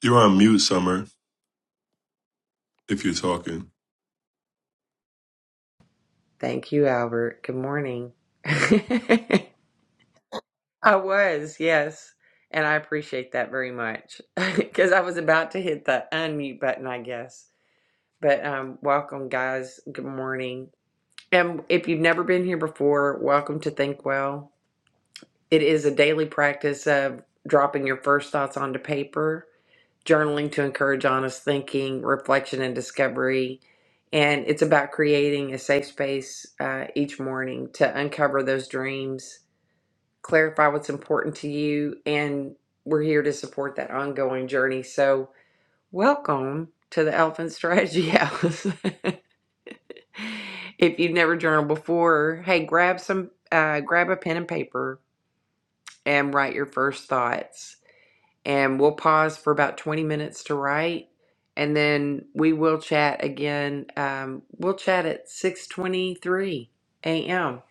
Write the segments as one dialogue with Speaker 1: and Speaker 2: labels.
Speaker 1: You're on mute, Summer, if you're talking.
Speaker 2: Thank you, Albert. Good morning. I was, yes. And I appreciate that very much because I was about to hit the unmute button, I guess. But um, welcome, guys. Good morning. And if you've never been here before, welcome to Think Well. It is a daily practice of dropping your first thoughts onto paper journaling to encourage honest thinking, reflection, and discovery. And it's about creating a safe space uh, each morning to uncover those dreams, clarify what's important to you, and we're here to support that ongoing journey. So, welcome to the Elephant Strategy House. if you've never journaled before, hey, grab some, uh, grab a pen and paper and write your first thoughts and we'll pause for about 20 minutes to write and then we will chat again um, we'll chat at 6.23 a.m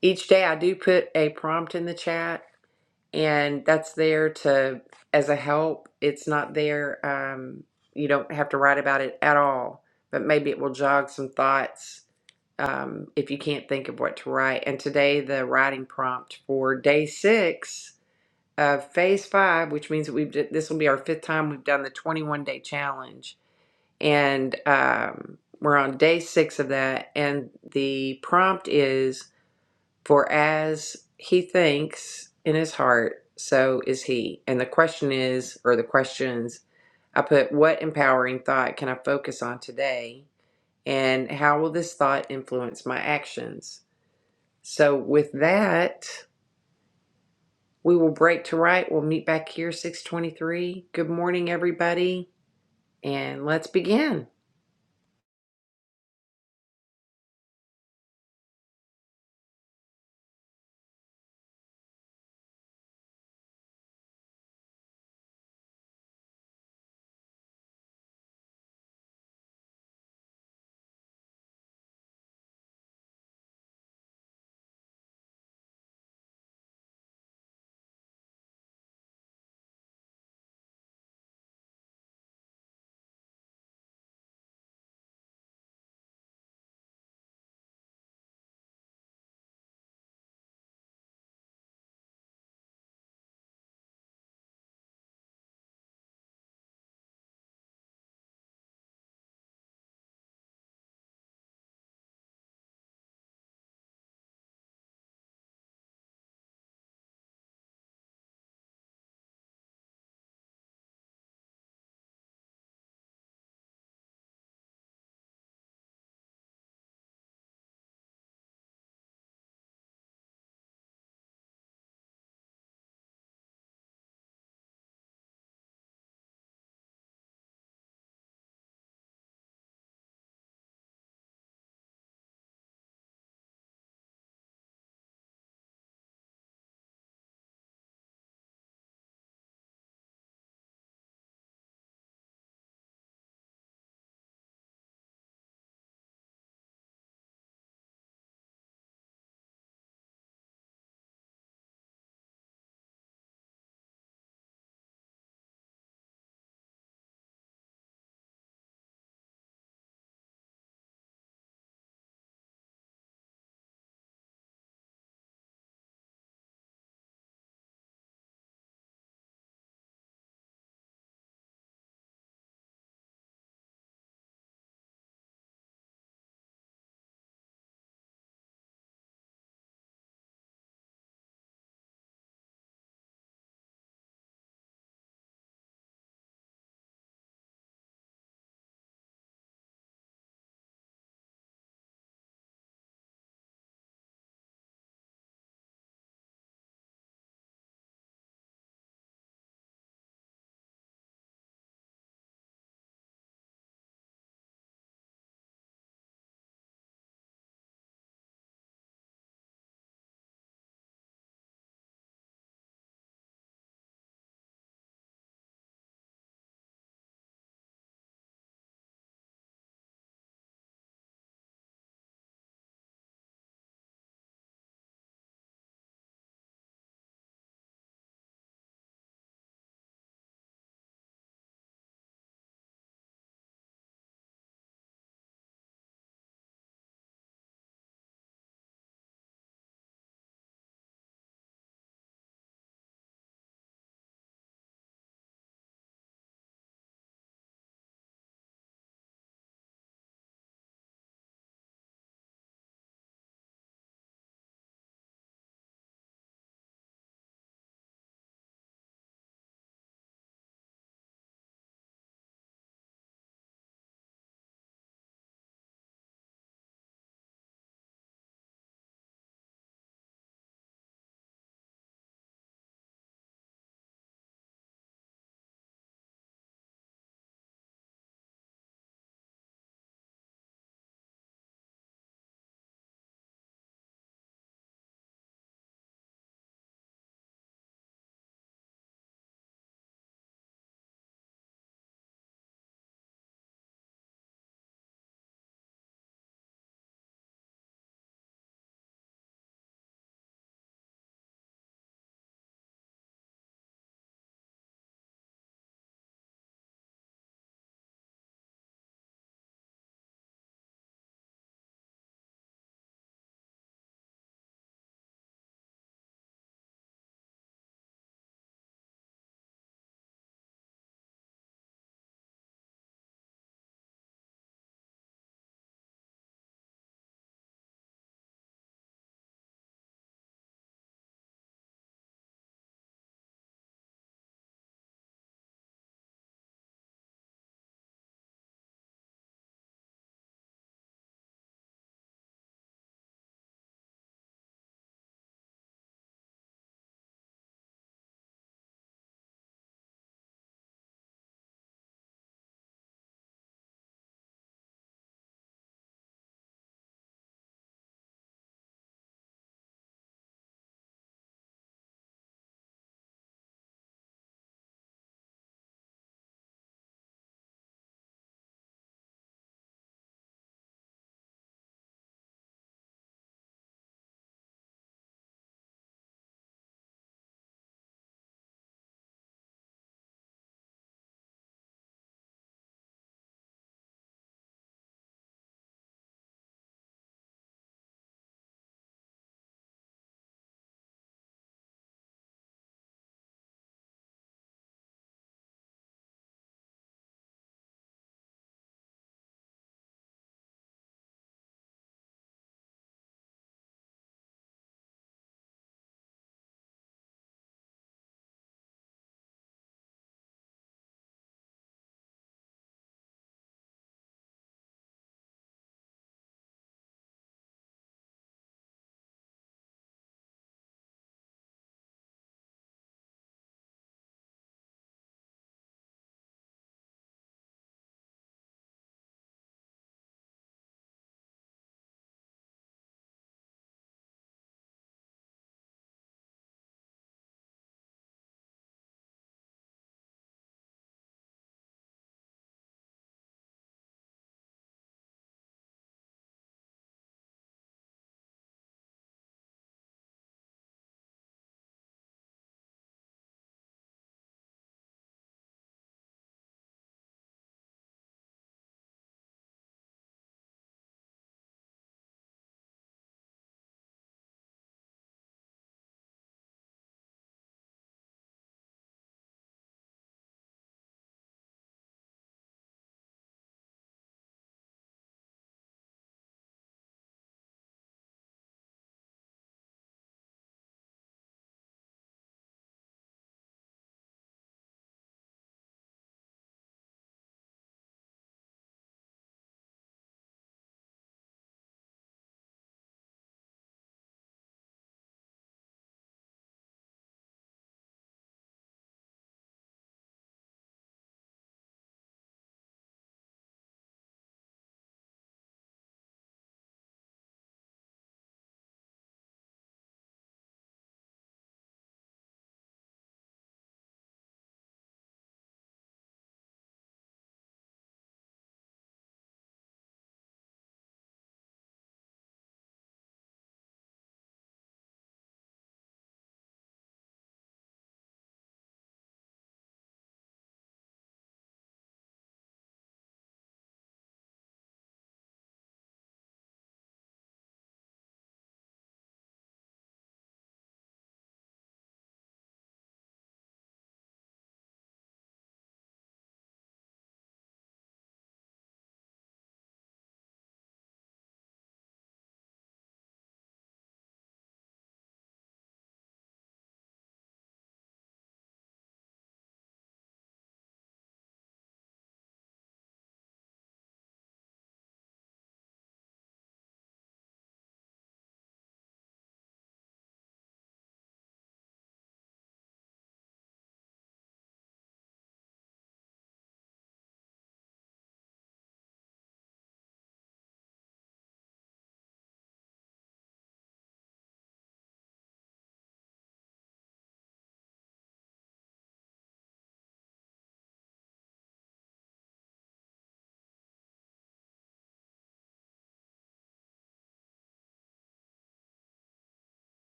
Speaker 2: each day i do put a prompt in the chat and that's there to as a help it's not there um, you don't have to write about it at all but maybe it will jog some thoughts um, if you can't think of what to write and today the writing prompt for day six uh, phase five, which means that we've this will be our fifth time we've done the 21 day challenge, and um, we're on day six of that. And the prompt is for as he thinks in his heart, so is he. And the question is, or the questions I put, what empowering thought can I focus on today, and how will this thought influence my actions? So with that. We will break to right. We'll meet back here 623. Good morning, everybody. And let's begin.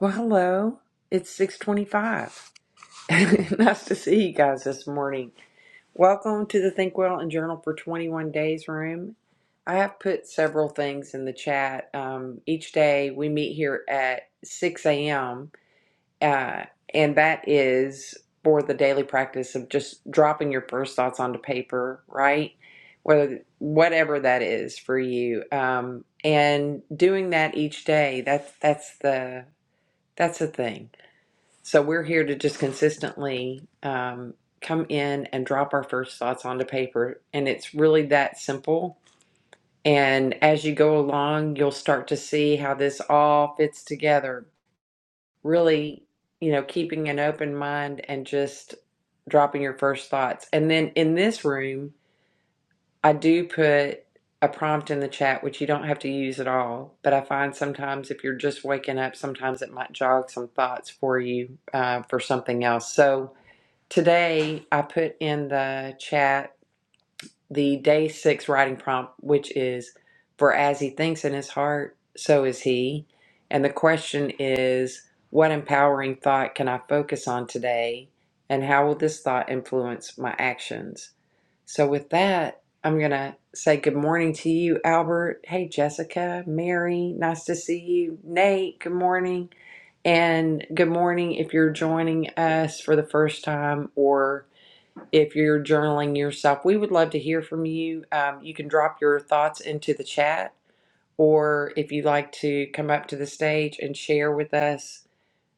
Speaker 2: Well, hello. It's 625. nice to see you guys this morning. Welcome to the Think Well and Journal for 21 Days room. I have put several things in the chat. Um, each day we meet here at 6 a.m uh, and that is for the daily practice of just dropping your first thoughts onto paper, right? Whether whatever that is for you, um, and doing that each day. That's that's the that's the thing. So we're here to just consistently um, come in and drop our first thoughts onto paper, and it's really that simple. And as you go along, you'll start to see how this all fits together really, you know, keeping an open mind and just dropping your first thoughts. And then in this room, I do put a prompt in the chat, which you don't have to use at all. But I find sometimes if you're just waking up, sometimes it might jog some thoughts for you uh, for something else. So today I put in the chat the day six writing prompt, which is For as he thinks in his heart, so is he. And the question is, What empowering thought can I focus on today? And how will this thought influence my actions? So, with that, I'm going to say good morning to you, Albert. Hey, Jessica, Mary, nice to see you. Nate, good morning. And good morning if you're joining us for the first time, or if you're journaling yourself, we would love to hear from you. Um, you can drop your thoughts into the chat, or if you'd like to come up to the stage and share with us,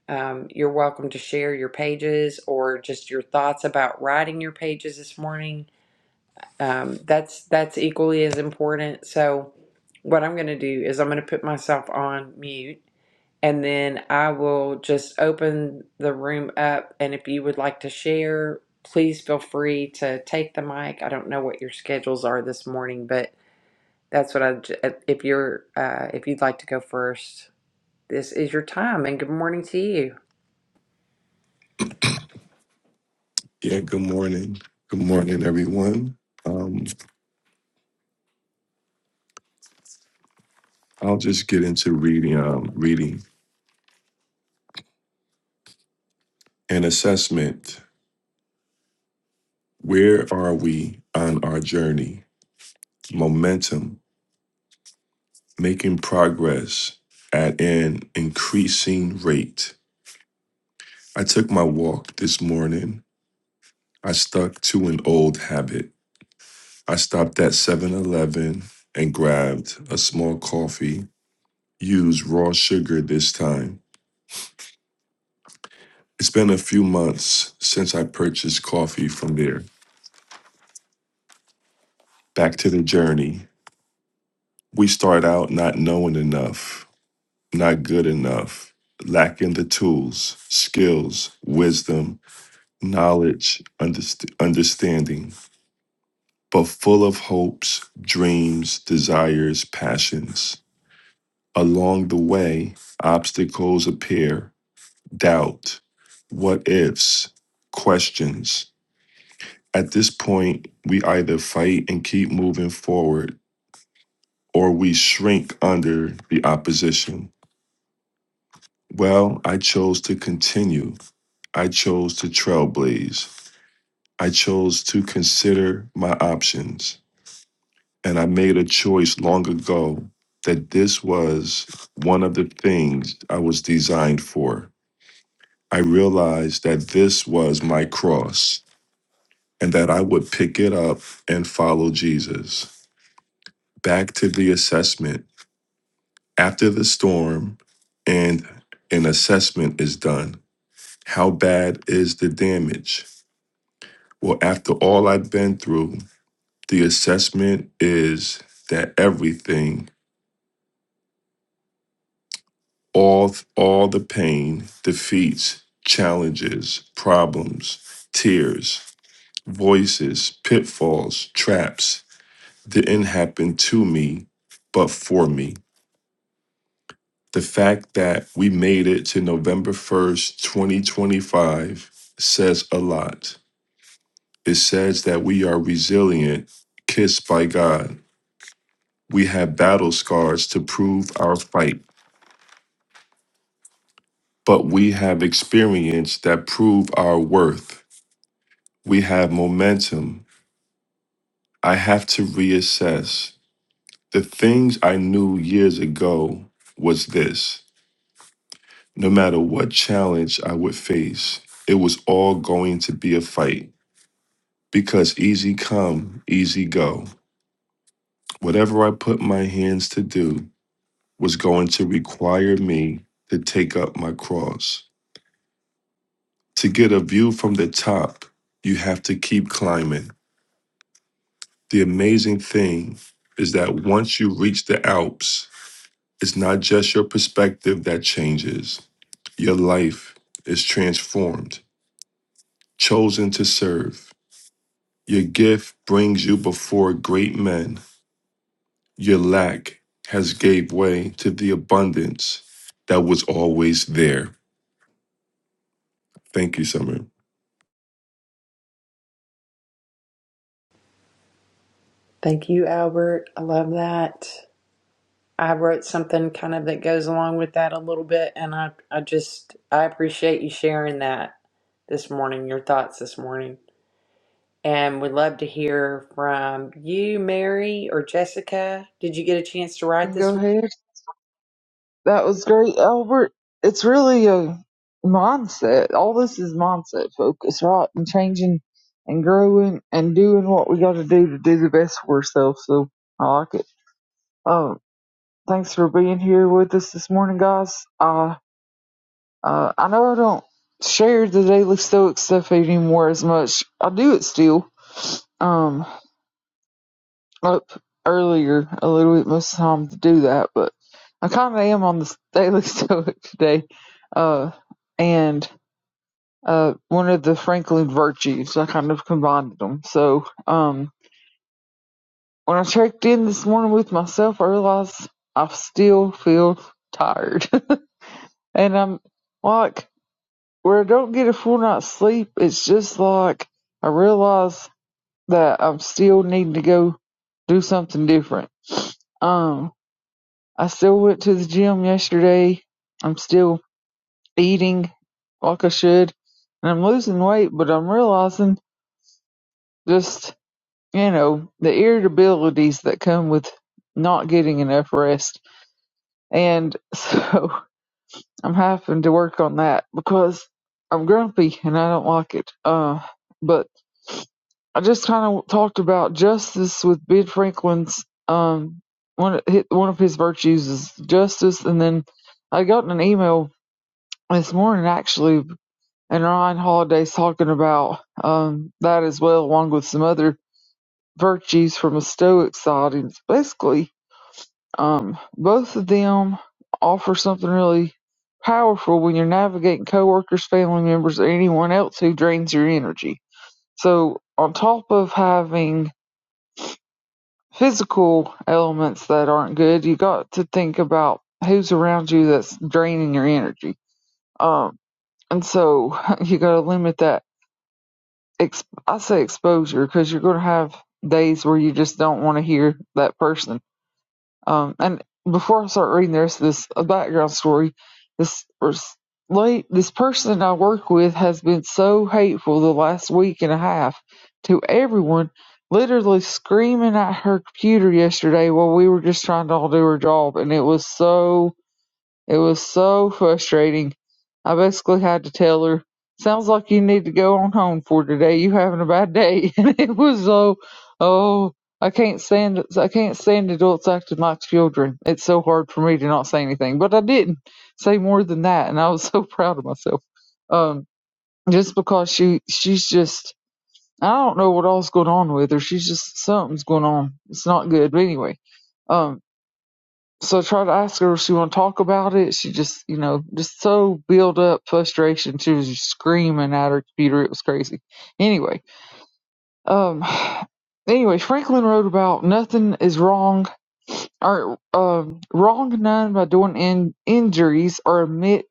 Speaker 2: um, you're welcome to share your pages or just your thoughts about writing your pages this morning. Um, that's that's equally as important. So, what I'm going to do is I'm going to put myself on mute and then I will just open the room up. And if you would like to share, please feel free to take the mic. I don't know what your schedules are this morning, but that's what I. j- uh, If you're, uh, if you'd like to go first, this is your time. And good morning to you.
Speaker 1: Yeah, good morning. Good morning, everyone. Um, I'll just get into reading, um, reading and assessment. Where are we on our journey? Momentum, making progress at an increasing rate. I took my walk this morning. I stuck to an old habit. I stopped at Seven Eleven and grabbed a small coffee, used raw sugar this time. It's been a few months since I purchased coffee from there. Back to the journey. We start out not knowing enough, not good enough, lacking the tools, skills, wisdom, knowledge, underst- understanding, but full of hopes, dreams, desires, passions. Along the way, obstacles appear, doubt, what ifs, questions. At this point, we either fight and keep moving forward or we shrink under the opposition. Well, I chose to continue. I chose to trailblaze. I chose to consider my options. And I made a choice long ago that this was one of the things I was designed for. I realized that this was my cross and that I would pick it up and follow Jesus. Back to the assessment after the storm and an assessment is done. How bad is the damage? Well, after all I've been through, the assessment is that everything, all all the pain, defeats, challenges, problems, tears, voices, pitfalls, traps didn't happen to me, but for me. The fact that we made it to November 1st, 2025 says a lot. It says that we are resilient, kissed by God. We have battle scars to prove our fight, but we have experience that prove our worth. We have momentum. I have to reassess. The things I knew years ago was this. No matter what challenge I would face, it was all going to be a fight. because easy come, easy go. Whatever I put my hands to do was going to require me to take up my cross. To get a view from the top, you have to keep climbing. The amazing thing is that once you reach the Alps, it's not just your perspective that changes, your life is transformed, chosen to serve. Your gift brings you before great men Your lack has gave way to the abundance that was always there. Thank you, Summer.
Speaker 2: Thank you, Albert. I love that. I wrote something kind of that goes along with that a little bit, and I, I just, I appreciate you sharing that this morning. Your thoughts this morning. And we'd love to hear from you, Mary or Jessica. Did you get a chance to write
Speaker 3: can go
Speaker 2: this?
Speaker 3: ahead. That was great, Albert. It's really a mindset. All this is mindset focus, right? And changing and growing and doing what we got to do to do the best for ourselves. So I like it. Um, thanks for being here with us this morning, guys. Uh, uh, I know I don't share the Daily Stoic stuff anymore as much. I do it still. Um, up earlier a little bit most of the time to do that, but I kind of am on the Daily Stoic today. Uh, and uh, one of the Franklin virtues, I kind of combined them. So um, when I checked in this morning with myself, I realized I still feel tired. and I'm like, where I don't get a full night's sleep, it's just like I realize that I'm still needing to go do something different. Um. I still went to the gym yesterday. I'm still eating like I should. And I'm losing weight, but I'm realizing just, you know, the irritabilities that come with not getting enough rest. And so I'm having to work on that because I'm grumpy and I don't like it. Uh, but I just kind of talked about justice with Ben Franklin's um one of his, one of his virtues is justice, and then I got an email this morning actually and Ryan Holiday's talking about um, that as well, along with some other virtues from a Stoic side. And it's basically, um, both of them offer something really powerful when you're navigating coworkers, family members, or anyone else who drains your energy. So, on top of having physical elements that aren't good, you got to think about who's around you that's draining your energy. Um, and so you got to limit that ex- I say exposure because you're going to have days where you just don't want to hear that person. Um, and before I start reading the rest of this a background story, this late this person I work with has been so hateful the last week and a half to everyone, literally screaming at her computer yesterday while we were just trying to all do her job, and it was so it was so frustrating. I basically had to tell her, sounds like you need to go on home for today. You having a bad day. And it was so, oh, I can't stand, I can't stand adults acting like children. It's so hard for me to not say anything, but I didn't say more than that. And I was so proud of myself. Um, just because she, she's just, I don't know what all's going on with her. She's just, something's going on. It's not good. But anyway, um, so I tried to ask her if she want to talk about it. She just, you know, just so built up frustration. She was just screaming at her computer. It was crazy. Anyway, um, anyway, Franklin wrote about nothing is wrong or um wrong none by doing in injuries or omit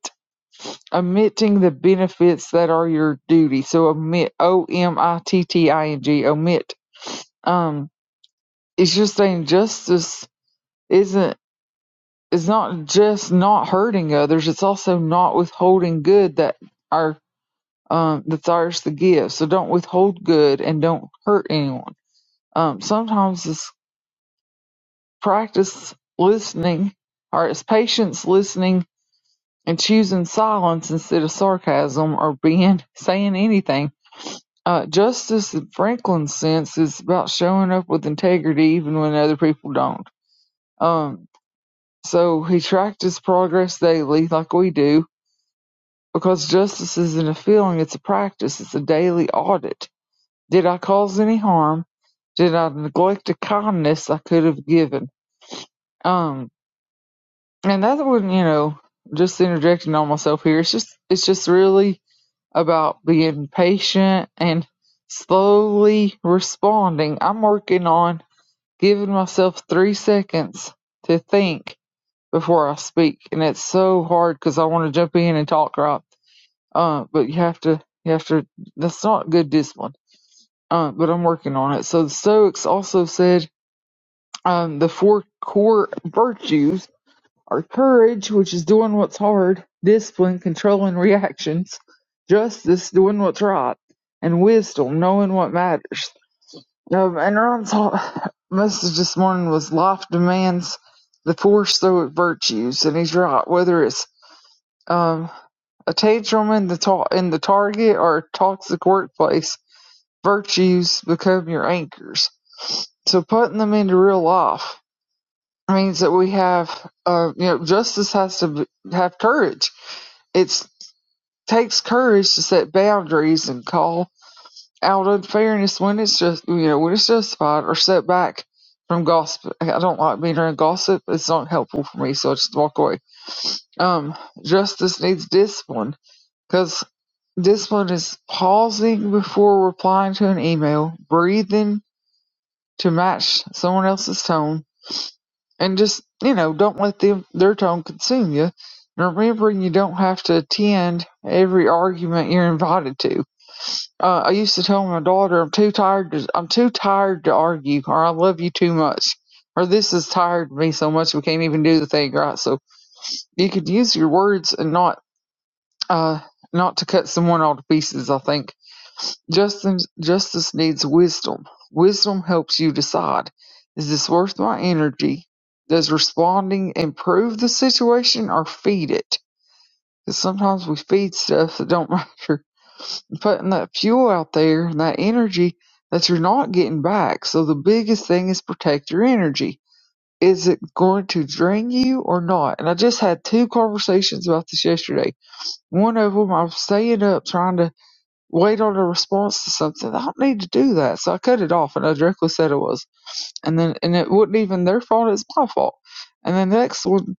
Speaker 3: omitting the benefits that are your duty. So omit O M I T T I N G omit. Um, it's just saying justice isn't. it's not just not hurting others, it's also not withholding good that are um that's ours to give. So don't withhold good and don't hurt anyone. Um sometimes it's practice listening or it's patience listening and choosing silence instead of sarcasm or being saying anything. Uh, justice in Franklin's sense is about showing up with integrity even when other people don't. Um, so he tracked his progress daily, like we do, Because justice isn't a feeling, it's a practice, it's a daily audit. Did I cause any harm? Did I neglect a kindness I could have given? Um, and that one, you know, just interjecting on myself here, it's just, it's just really about being patient and slowly responding. I'm working on giving myself three seconds to think before I speak. And it's so hard because I want to jump in and talk right Uh, but you have to, you have to, that's not good discipline. Uh, but I'm working on it. So the Stoics also said, um, the four core virtues are courage, which is doing what's hard, discipline, controlling reactions, justice, doing what's right, and wisdom, knowing what matters. Um, and Ron's message this morning was life demands the four Stoic virtues, and he's right. Whether it's, um, A tantrum in the target or toxic workplace virtues become your anchors. So putting them into real life means that we have, uh, you know, justice has to be, have courage. It takes courage to set boundaries and call out unfairness when it's just, you know, when it's justified or set back from gossip. I don't like being around gossip. It's not helpful for me, so I just walk away. Um, justice needs discipline Cause this one is pausing before replying to an email, breathing to match someone else's tone, and just you know, don't let them their tone consume you. And remembering you don't have to attend every argument you're invited to. Uh, I used to tell my daughter, "I'm too tired to I'm too tired to argue," or "I love you too much," or "This has tired me so much we can't even do the thing right." So you could use your words and not uh not to cut someone all to pieces. I think Justice, justice needs wisdom. Wisdom helps you decide is this worth my energy? Does responding improve the situation or feed it? Because sometimes we feed stuff that don't matter. Putting that fuel out there and that energy that you're not getting back. So the biggest thing is protect your energy. Is it going to drain you or not? And I just had two conversations about this yesterday. One of them, I was staying up trying to wait on a response to something. I don't need to do that. So I cut it off and I directly said it was. And then, and it wasn't even their fault, it's my fault. And then the next one,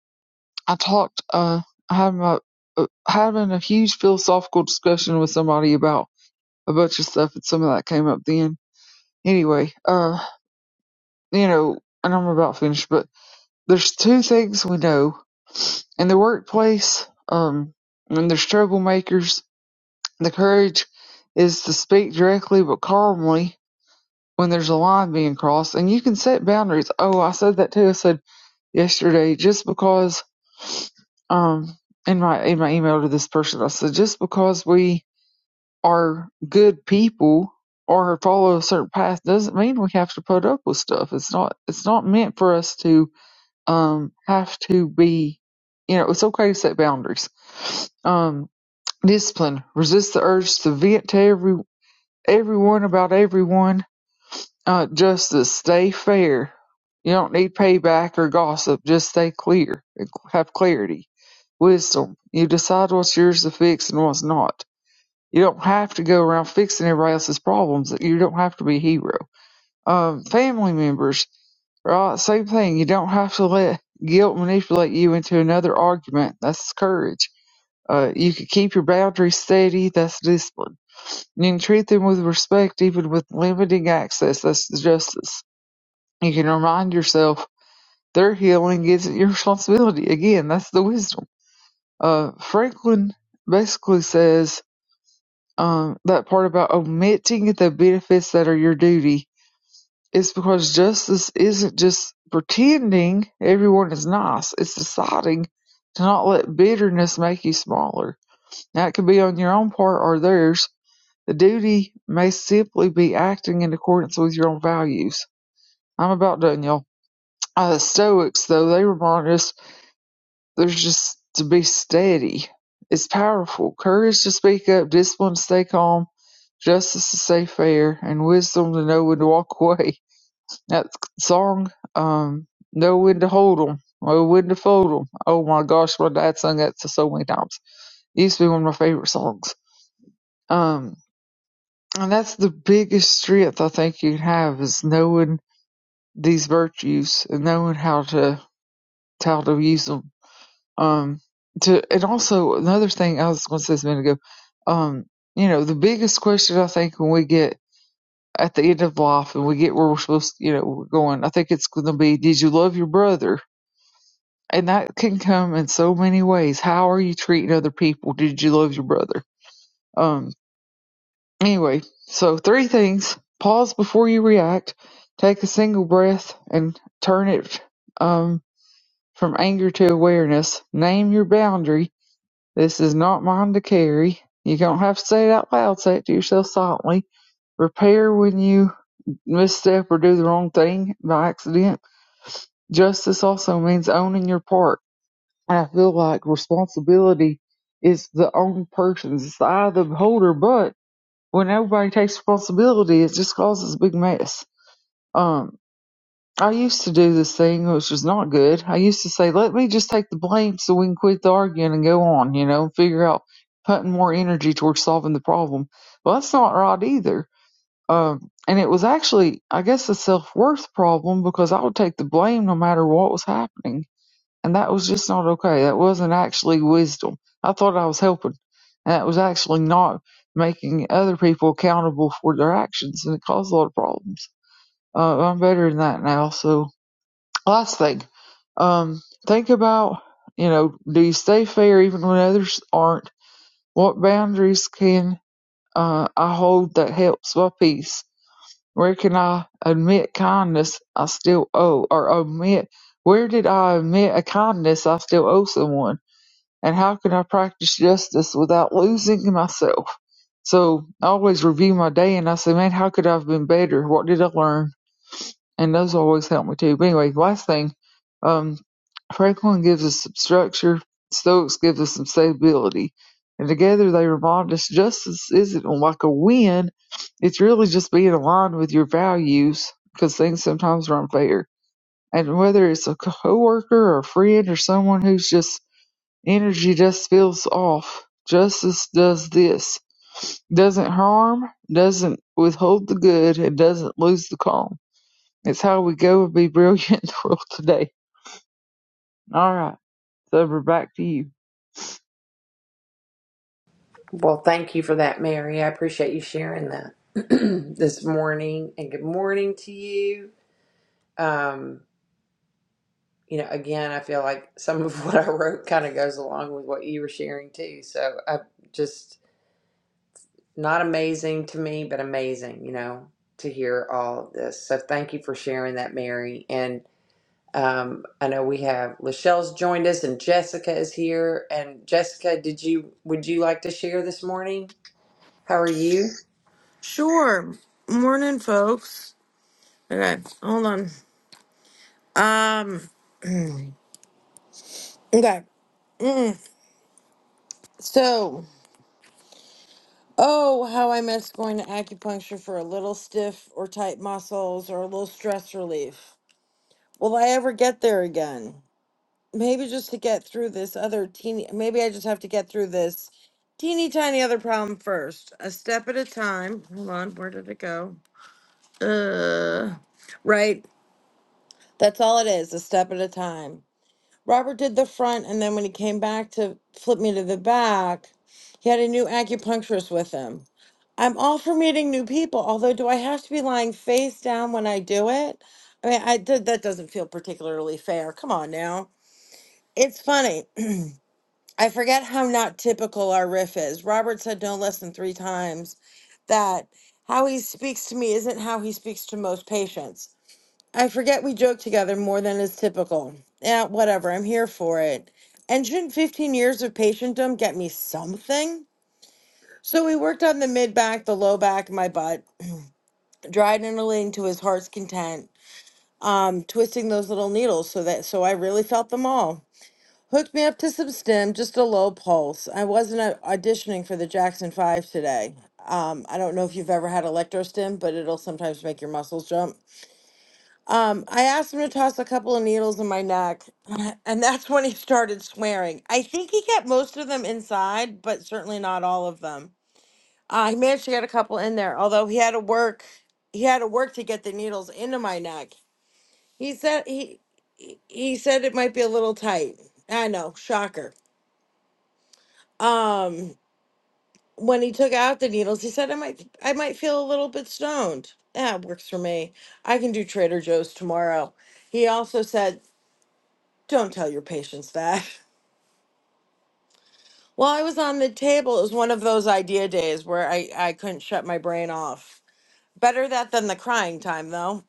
Speaker 3: I talked, uh, I had my, uh, having a huge philosophical discussion with somebody about a bunch of stuff and some of that came up then. Anyway, uh, you know, and I'm about finished, but there's two things we know in the workplace, um, when there's troublemakers, the courage is to speak directly but calmly when there's a line being crossed and you can set boundaries. Oh, I said that too. I said yesterday just because um in my in my email to this person I said just because we are good people or follow a certain path doesn't mean we have to put up with stuff. It's not it's not meant for us to um have to be you know, it's okay to set boundaries. Um discipline. Resist the urge to vent to every everyone about everyone uh, justice, stay fair. You don't need payback or gossip. Just stay clear. Have clarity. Wisdom. You decide what's yours to fix and what's not. You don't have to go around fixing everybody else's problems. You don't have to be a hero. Um, family members, right? Same thing. You don't have to let guilt manipulate you into another argument. That's courage. Uh, you can keep your boundaries steady. That's discipline. You can treat them with respect, even with limiting access. That's justice you can remind yourself their healing isn't your responsibility. Again, that's the wisdom. Uh, Franklin basically says um, that part about omitting the benefits that are your duty is because justice isn't just pretending everyone is nice, it's deciding to not let bitterness make you smaller. Now, it could be on your own part or theirs. The duty may simply be acting in accordance with your own values. I'm about done, y'all uh, Stoics, though, they remind us there's just to be steady. It's powerful. Courage to speak up, discipline to stay calm, justice to stay fair, and wisdom to know when to walk away. That song, um, know when to hold 'em, know when to fold 'em. Oh my gosh, my dad sung that so so many times. It used to be one of my favorite songs. Um, and that's the biggest strength I think you can have is knowing these virtues and knowing how to how to use 'em Um, to and also another thing I was going to say this a minute ago. Um, you know, the biggest question I think when we get at the end of life and we get where we're supposed, to, you know, we're going, I think it's going to be, did you love your brother? And that can come in so many ways. How are you treating other people? Did you love your brother? Um, anyway, so three things: pause before you react, take a single breath, and turn it um from anger to awareness. Name your boundary This is not mine to carry. You don't have to say it out loud, say it to yourself silently. Repair when you misstep or do the wrong thing by accident. Justice also means owning your part. And I feel like responsibility is the own person's. It's the eye of the beholder, but when everybody takes responsibility, it just causes a big mess. Um, I used to do this thing, which is not good. I used to say, let me just take the blame so we can quit the arguing and go on, you know, and figure out putting more energy towards solving the problem. Well, that's not right either. Um, and it was actually, I guess, a self worth problem because I would take the blame no matter what was happening. And that was just not okay. That wasn't actually wisdom. I thought I was helping. And that was actually not making other people accountable for their actions. And it caused a lot of problems. Uh, I'm better than that now, so Last thing, um, think about, you know, do you stay fair even when others aren't? What boundaries can uh, I hold that helps my peace? Where can I admit kindness I still owe, or omit? Where did I omit a kindness I still owe someone? And how can I practice justice without losing myself? So I always review my day and I say, man, how could I have been better? What did I learn? and those always help me too. But anyway, last thing, um, Franklin gives us some structure, Stoics gives us some stability. And together they remind us justice isn't like a win, it's really just being aligned with your values because things sometimes are unfair. And whether it's a coworker or a friend or someone who's just energy just feels off, justice does this. Doesn't harm, doesn't withhold the good, and doesn't lose the calm. It's how we go and be brilliant in the world today. All right, Thurber, back to you.
Speaker 2: Well, thank you for that, Mary. I appreciate you sharing that this morning. And good morning to you. Um, you know, again, I feel like some of what I wrote kind of goes along with what you were sharing too. So I just not amazing to me, but amazing, you know, to hear all of this. So thank you for sharing that, Mary. And Um, I know we have Lachelle's joined us and Jessica is here. And Jessica, did you would you like to share this morning? How are you?
Speaker 4: Sure. Morning, folks. Okay, hold on. Um, okay. Mm. So, oh, how I miss going to acupuncture for a little stiff or tight muscles or a little stress relief. Will I ever get there again? Maybe just to get through this other teeny, maybe I just have to get through this teeny tiny other problem first, a step at a time. Hold on, where did it go? Uh, right. That's all it is, a step at a time. Robert did the front, and then when he came back to flip me to the back, he had a new acupuncturist with him. I'm all for meeting new people, although do I have to be lying face down when I do it? I mean, I did that doesn't feel particularly fair. Come on now. It's funny. I forget how not typical our riff is. Robert said no less than three times that how he speaks to me isn't how he speaks to most patients. I forget we joke together more than is typical. Yeah, whatever. I'm here for it. And shouldn't 15 years of patientdom get me something? So we worked on the mid back, the low back, my butt, dried and to his heart's content, um, twisting those little needles so that so I really felt them all. Hooked me up to some stim, just a low pulse. I wasn't uh, auditioning for the Jackson Five today. Um, I don't know if you've ever had electro stim, but it'll sometimes make your muscles jump. Um, I asked him to toss a couple of needles in my neck, and that's when he started swearing. I think he kept most of them inside, but certainly not all of them. Uh, he managed to get a couple in there, although he had to work. He had to work to get the needles into my neck. He said he he he said it might be a little tight. I know, shocker. Um, when he took out the needles, he said I might I might feel a little bit stoned. That works for me. I can do Trader Joe's tomorrow. He also said Don't tell your patients that. While I was on the table. It was one of those idea days where I, I couldn't shut my brain off. Better that than the crying time, though.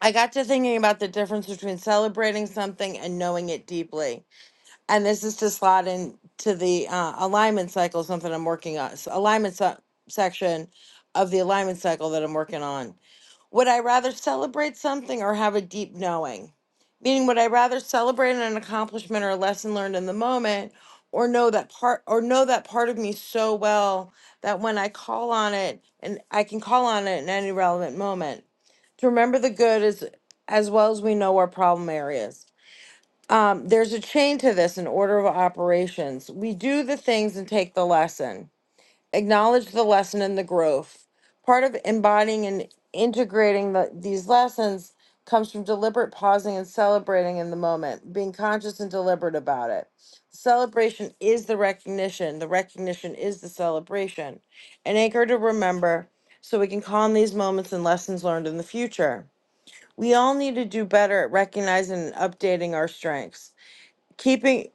Speaker 4: I got to thinking about the difference between celebrating something and knowing it deeply. And this is to slot into the uh, alignment cycle, something I'm working on, s- alignment se- section of the alignment cycle that I'm working on. Would I rather celebrate something or have a deep knowing? Meaning, would I rather celebrate an accomplishment or a lesson learned in the moment, or know that part or know that part of me so well that when I call on it and I can call on it in any relevant moment? To remember the good is as well as we know our problem areas. Um, there's a chain to this in order of operations. We do the things and take the lesson acknowledge the lesson and the growth. Part of embodying and integrating the, these lessons comes from deliberate pausing and celebrating in the moment, being conscious and deliberate about it. Celebration is the recognition, the recognition is the celebration. An anchor to remember so we can call on these moments and lessons learned in the future. We all need to do better at recognizing and updating our strengths keeping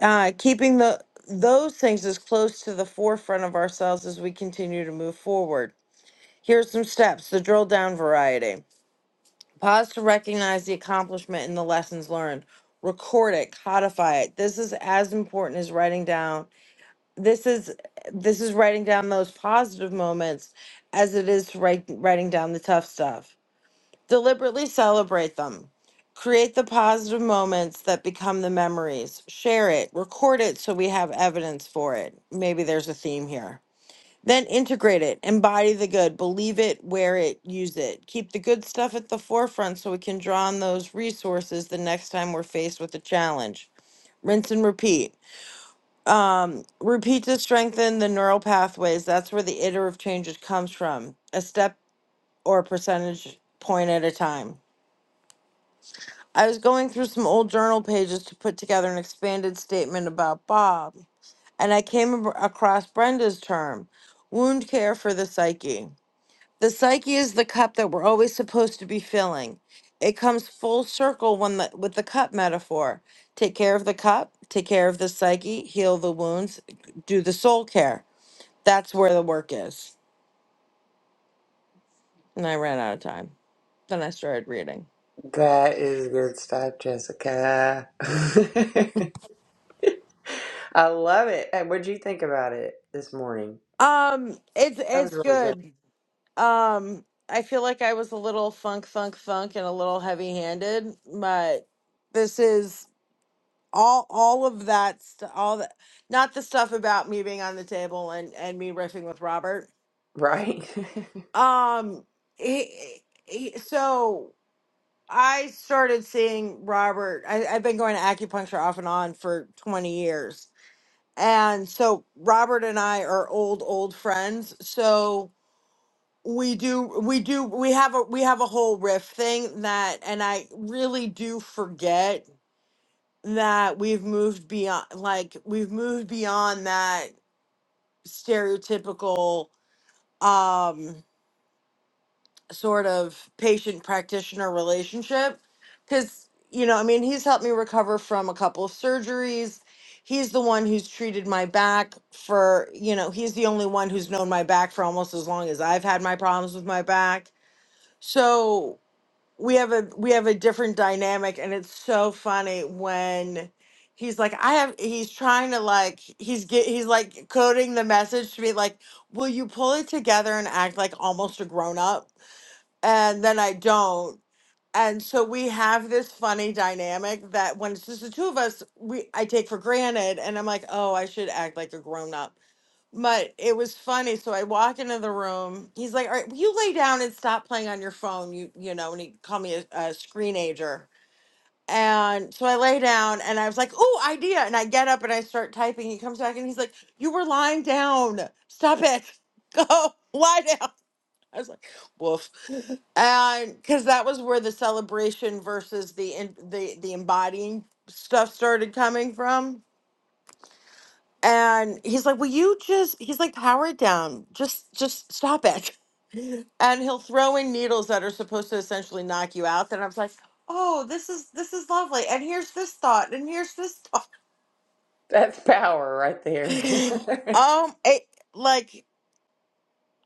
Speaker 4: uh keeping the those things as close to the forefront of ourselves as we continue to move forward Here are some steps the drill down variety pause to recognize the accomplishment and the lessons learned record it codify it this is as important as writing down this is this is writing down those positive moments as it is to write, writing down the tough stuff Deliberately celebrate them. Create the positive moments that become the memories. Share it, record it so we have evidence for it. Maybe there's a theme here. Then integrate it, embody the good, believe it, wear it, use it. Keep the good stuff at the forefront so we can draw on those resources the next time we're faced with a challenge. Rinse and repeat. Repeat to strengthen the neural pathways. That's where the iterative changes comes from, a step or a percentage point at a time. I was going through some old journal pages to put together an expanded statement about Bob, and I came ab- across Brenda's term wound care for the psyche. The psyche is the cup that we're always supposed to be filling. It comes full circle when the, with the cup metaphor. Take care of the cup, take care of the psyche, heal the wounds, do the soul care. That's where the work is. And I ran out of time. Then I started reading.
Speaker 2: That is good stuff, Jessica. I love it. And what'd you think about it this morning?
Speaker 4: Um, it's
Speaker 2: That was
Speaker 4: it's
Speaker 2: really good.
Speaker 4: good. Um, I feel like I was a little funk, funk, funk, and a little heavy-handed, but this is all all of that st- all that not the stuff about me being on the table and and me riffing with Robert.
Speaker 2: Right?
Speaker 4: Um, he, he, so I started seeing Robert. I, I've been going to acupuncture off and on for 20 years. And so Robert and I are old, old friends. So We do, we do, we have a we have a whole riff thing that, and I really do forget that we've moved beyond, like we've moved beyond that stereotypical um sort of patient practitioner relationship. Because, you know, I mean, he's helped me recover from a couple of surgeries. He's the one who's treated my back for, you know, he's the only one who's known my back for almost as long as I've had my problems with my back. So we have a we have a different dynamic and it's so funny when he's like i have he's trying to like he's get he's like coding the message to me like will you pull it together and act like almost a grown up and then i don't and so we have this funny dynamic that when it's just the two of us we i take for granted and i'm like oh i should act like a grown up but it was funny. So I walk into the room. He's like, "All right, will you lay down and stop playing on your phone?" You you know, and he called me a, a screenager. And so I lay down, and I was like, "Ooh, idea!" And I get up and I start typing. He comes back and he's like, "You were lying down. Stop it. Go lie down." I was like, "Woof," and because that was where the celebration versus the in, the the embodying stuff started coming from and he's like, "Will you just?" He's like, "Power it down. Just, just stop it." And he'll throw in needles that are supposed to essentially knock you out. Then I was like, "Oh, this is this is lovely." And here's this thought, and here's this thought.
Speaker 2: That's power right there.
Speaker 4: um, it like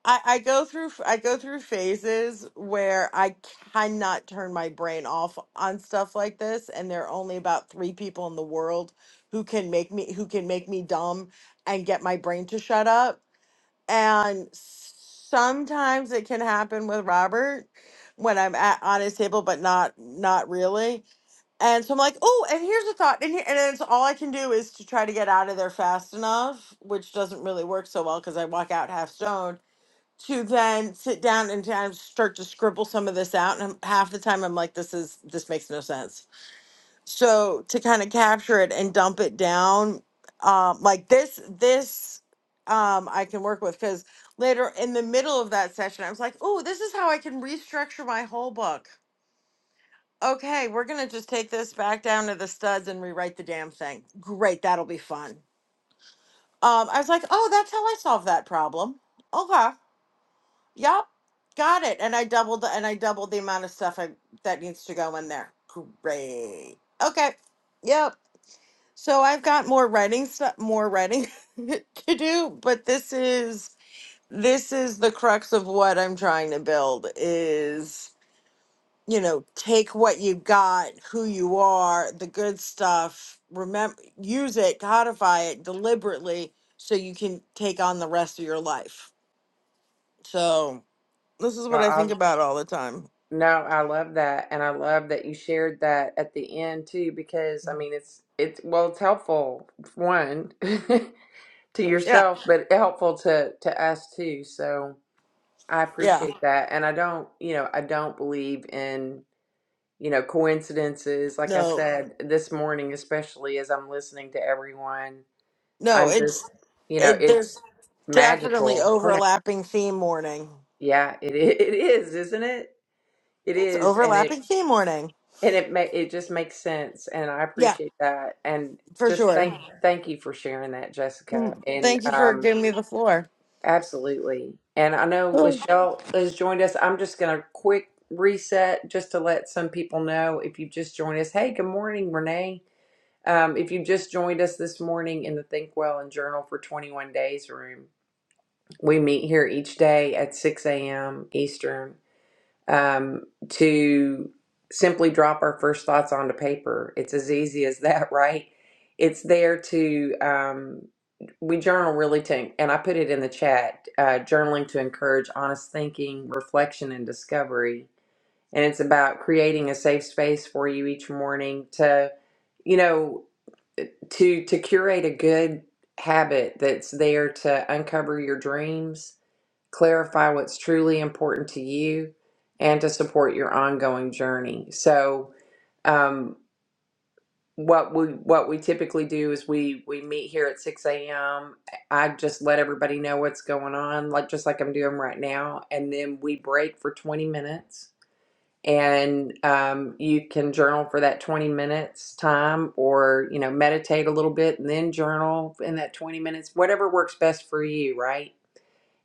Speaker 4: I, I go through I go through phases where I cannot turn my brain off on stuff like this, and there are only about three people in the world who can make me who can make me dumb and get my brain to shut up And sometimes it can happen with Robert when I'm at on his table, but not not really. And so I'm like, oh, and here's a thought, and here, and it's all I can do is to try to get out of there fast enough, which doesn't really work so well because I walk out half stoned. To then sit down and kind of start to scribble some of this out, and I'm- half the time I'm like, this is this makes no sense so to kind of capture it and dump it down um like this this um i can work with because later in the middle of that session i was like oh this is how i can restructure my whole book okay we're gonna just take this back down to the studs and rewrite the damn thing great that'll be fun um i was like oh that's how i solved that problem okay yep got it and i doubled and i doubled the amount of stuff I, that needs to go in there great okay yep So I've got more writing stuff, more writing to do, but this is this is the crux of what I'm trying to build is, you know, take what you got, who you are, the good stuff, remember use it, codify it deliberately so you can take on the rest of your life. So, this is
Speaker 2: Well,
Speaker 4: what I
Speaker 2: I,
Speaker 4: think about all the time.
Speaker 2: no, I love that. And I love that you shared that at the end too, because I mean, it's, it's, well, it's helpful, one. to
Speaker 4: Yeah.
Speaker 2: yourself, but helpful to to us too. So I
Speaker 4: Yeah.
Speaker 2: appreciate that, and I don't, you know, I don't believe in you know coincidences. Like I
Speaker 4: No.
Speaker 2: said this morning, especially as I'm listening to everyone,
Speaker 4: No,
Speaker 2: I'm just,
Speaker 4: it's
Speaker 2: you know,
Speaker 4: it,
Speaker 2: it's
Speaker 4: there's definitely
Speaker 2: magical. Go ahead.
Speaker 4: overlapping theme morning.
Speaker 2: Yeah, it i- it is, isn't it? It
Speaker 4: It's
Speaker 2: is, and it
Speaker 4: overlapping tea morning.
Speaker 2: and it ma- it just makes sense, and I
Speaker 4: Yeah,
Speaker 2: appreciate that, and
Speaker 4: for
Speaker 2: just
Speaker 4: sure.
Speaker 2: thank thank you for sharing that, Jessica,
Speaker 4: Mm,
Speaker 2: and
Speaker 4: Thank you for
Speaker 2: um
Speaker 4: giving me the floor.
Speaker 2: Absolutely. And I know Lachelle has joined us. I'm just going to quick reset just to let some people know if you just joined us. Hey, good morning, Renee. Um, if you just joined us this morning in the Think Well and Journal for 21 Days room, we meet here each day at 6 a.m. Eastern um, to simply drop our first thoughts onto paper. It's as easy as that, right? It's there to, um, we journal really to, and I put it in the chat, uh, journaling to encourage honest thinking, reflection, and discovery. And it's about creating a safe space for you each morning to, you know, to to curate a good habit that's there to uncover your dreams clarify what's truly important to you and to support your ongoing journey. So, um, what we what we typically do is we we meet here at 6 a.m. I just let everybody know what's going on, like just like I'm doing right now, and then we break for 20 minutes. And um, you can journal for that 20 minutes time, or you know, meditate a little bit and then journal in that 20 minutes, whatever works best for you, right?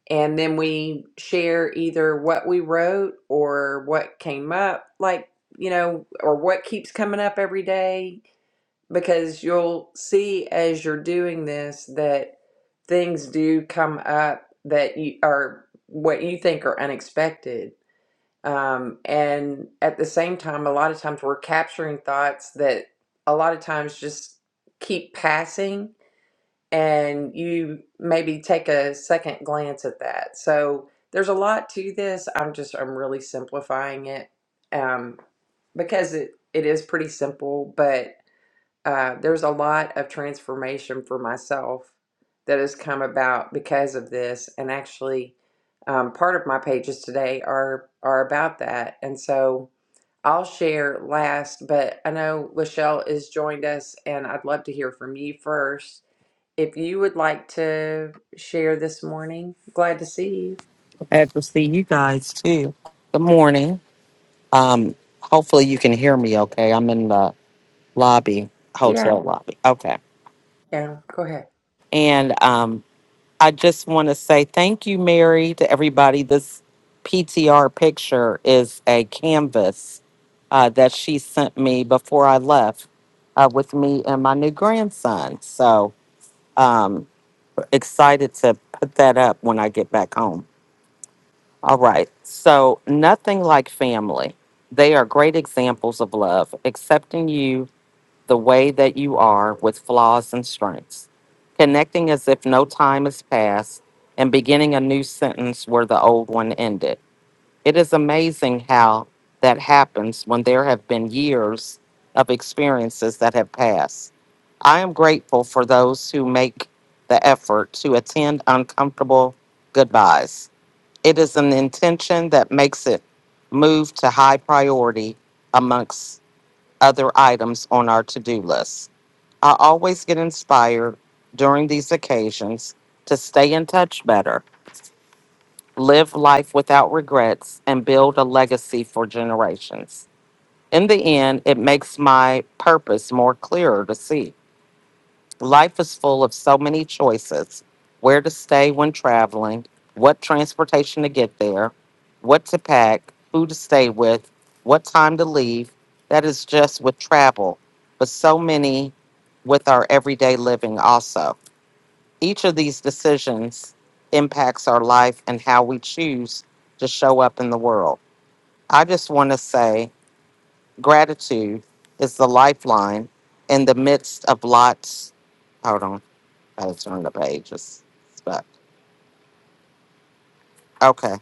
Speaker 2: and then we share either what we wrote or what came up like you know or what keeps coming up every day because you'll see as you're doing this that things do come up that you are what you think are unexpected um, and at the same time a lot of times we're capturing thoughts that a lot of times just keep passing and you maybe take a second glance at that. So there's a lot to this. I'm just I'm really simplifying it um, because it it is pretty simple, but uh, there's a lot of transformation for myself that has come about because of this, and actually. Um, part of my pages today are are about that, and so I'll share last. But I know Lachelle has joined us, and I'd love to hear from you first if you would like to share this morning, glad to see you.
Speaker 5: Glad to see you guys too. Good morning. Um, hopefully you can hear me okay. I'm in the lobby,
Speaker 2: Yeah,
Speaker 5: hotel lobby. Okay.
Speaker 2: yeah, go ahead.
Speaker 5: And um, I just want to say thank you, Mary, to everybody. This PTR picture is a canvas uh, that she sent me before I left uh, with me and my new grandson. So um, excited to put that up when I get back home. All right. So, nothing like family. They are great examples of love, accepting you the way that you are with flaws and strengths, connecting as if no time has passed, and beginning a new sentence where the old one ended. It is amazing how that happens when there have been years of experiences that have passed. I am grateful for those who make the effort to attend uncomfortable goodbyes it is an intention that makes it move to high priority amongst other items on our to do list. I always get inspired during these occasions to stay in touch better, live life without regrets, and build a legacy for generations. In the end, it makes my purpose more clearer to see Life is full of so many choices where to stay when traveling, what transportation to get there, what to pack, who to stay with, what time to leave. That is just with travel, but so many with our everyday living also. Each of these decisions impacts our life and how we choose to show up in the world. I just want to say gratitude is the lifeline in the midst of lots. Hold on I was on the page. It's stuck. Okay.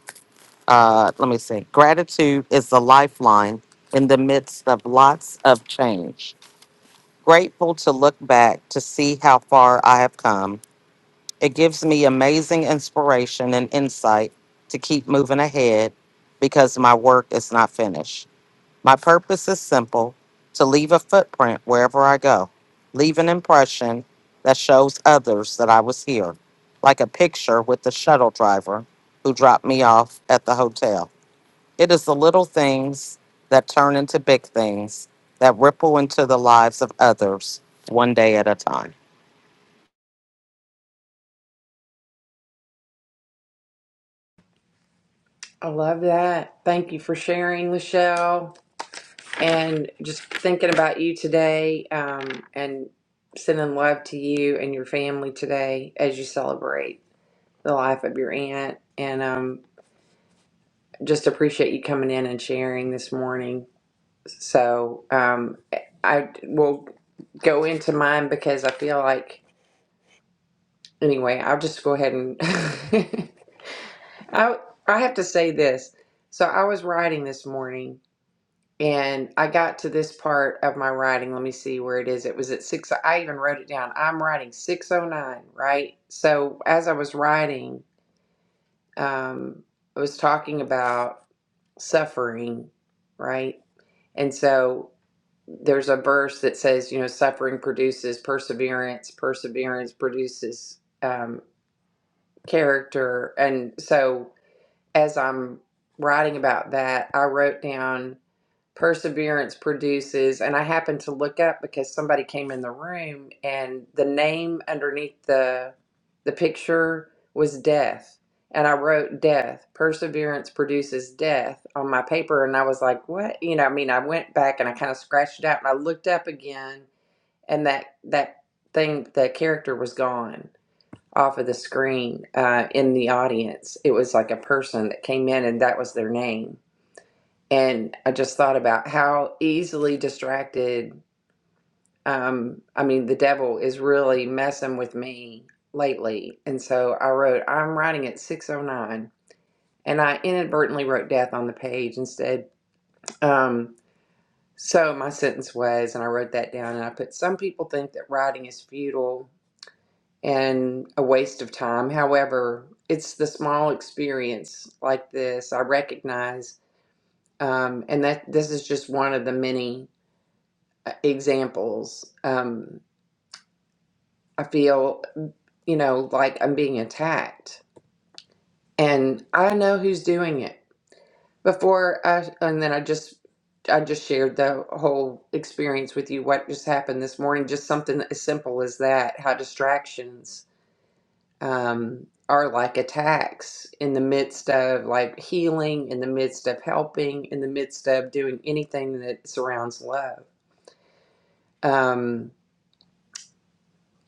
Speaker 5: Uh, let me see. Gratitude is the lifeline in the midst of lots of change. Grateful to look back to see how far I have come. It gives me amazing inspiration and insight to keep moving ahead because my work is not finished. My purpose is simple to leave a footprint wherever I go, leave an impression that shows others that I was here, like a picture with the shuttle driver who dropped me off at the hotel. It is the little things that turn into big things that ripple into the lives of others one day at a time.
Speaker 2: I love that. Thank you for sharing, Lachelle, and just thinking about you today um, and sending love to you and your family today as you celebrate the life of your aunt. And um, just appreciate you coming in and sharing this morning. So um, I will go into mine because I feel like anyway, I'll just go ahead and I I have to say this. So I was writing this morning and I got to this part of my writing. Let me see where it is. It was at six. I even wrote it down. I'm writing 609, right? So as I was writing, um, I was talking about suffering, right? And so there's a verse that says, you know, suffering produces perseverance, perseverance produces um, character. And so as I'm writing about that, I wrote down perseverance produces, and I happened to look up because somebody came in the room, and the name underneath the the picture was death, and I wrote death. Perseverance produces death on my paper, and I was like, what? You know, I mean, I went back and I kind of scratched it out, and I looked up again, and that that thing, the character was gone off of the screen uh, in the audience. It was like a person that came in and that was their name. And I just thought about how easily distracted, um, I mean, the devil is really messing with me lately. And so I wrote, I'm writing at 609. And I inadvertently wrote death on the page instead. Um, so my sentence was, and I wrote that down and I put, some people think that writing is futile and a waste of time. However, it's the small experience like this I recognize, um, and that this is just one of the many uh, examples. Um, I feel, you know, like I'm being attacked, and I know who's doing it. Before I, and then I just, I just shared the whole experience with you. What just happened this morning? Just something as simple as that. How distractions um, are like attacks in the midst of like healing, in the midst of helping, in the midst of doing anything that surrounds love. Um,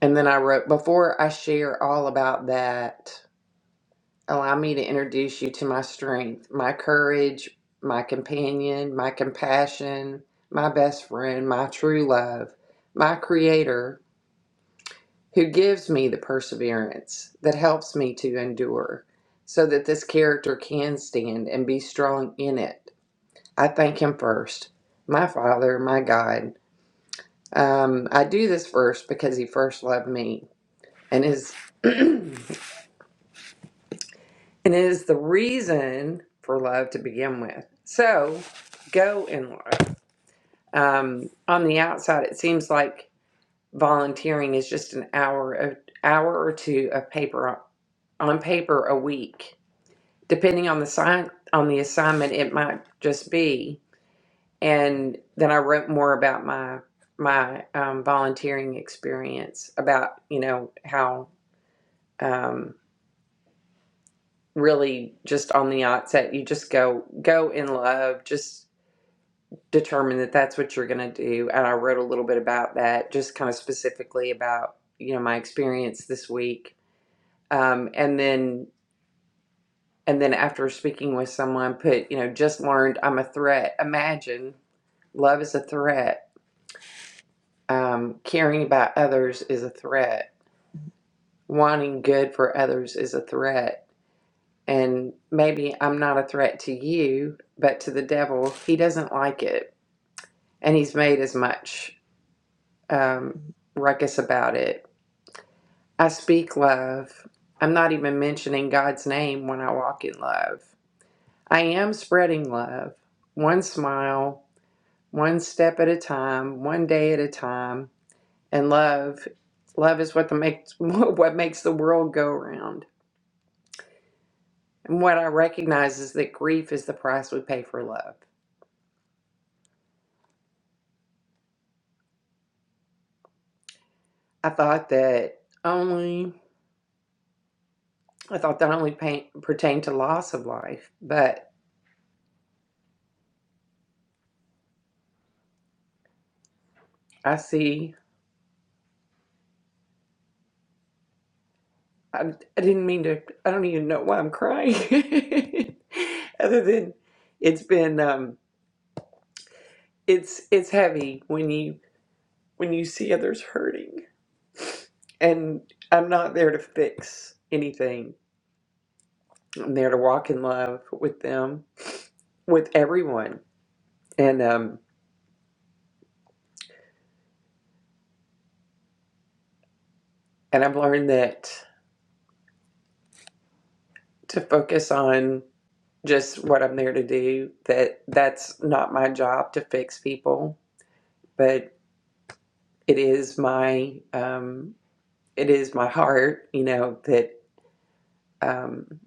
Speaker 2: and then I wrote, before I share all about that, allow me to introduce you to my strength, my courage, my companion, my compassion, my best friend, my true love, my creator, who gives me the perseverance that helps me to endure so that this character can stand and be strong in it. I thank him first, my Father, my God. Um, I do this first because he first loved me and is and is the reason for love to begin with. So go in love. Um, on the outside, it seems like volunteering is just an hour, a hour or two of paper on paper a week depending on the sign on the assignment it might just be and then i wrote more about my my um, volunteering experience about you know how um, really just on the outset you just go go in love just determine that that's what you're going to do and i wrote a little bit about that just kind of specifically about you know my experience this week um, and then and then after speaking with someone put you know just learned i'm a threat imagine Love is a threat. Um, caring about others is a threat. Wanting good for others is a threat. And maybe I'm not a threat to you, but to the devil, he doesn't like it. And he's made as much um, ruckus about it. I speak love. I'm not even mentioning God's name when I walk in love. I am spreading love, one smile, one step at a time, one day at a time and love. Love is what the makes what makes the world go around. And what I recognize is that grief is the price we pay for love. I thought that only I thought that only pain, pertained to loss of life, but I see. I, I didn't mean to. I don't even know why I'm crying. Other than it's been um, it's it's heavy when you when you see others hurting, and I'm not there to fix anything. I'm there to walk in love with them, with everyone. And um and I've learned that to focus on just what I'm there to do, that that's not my job to fix people, but it is my um it is my heart, you know, that um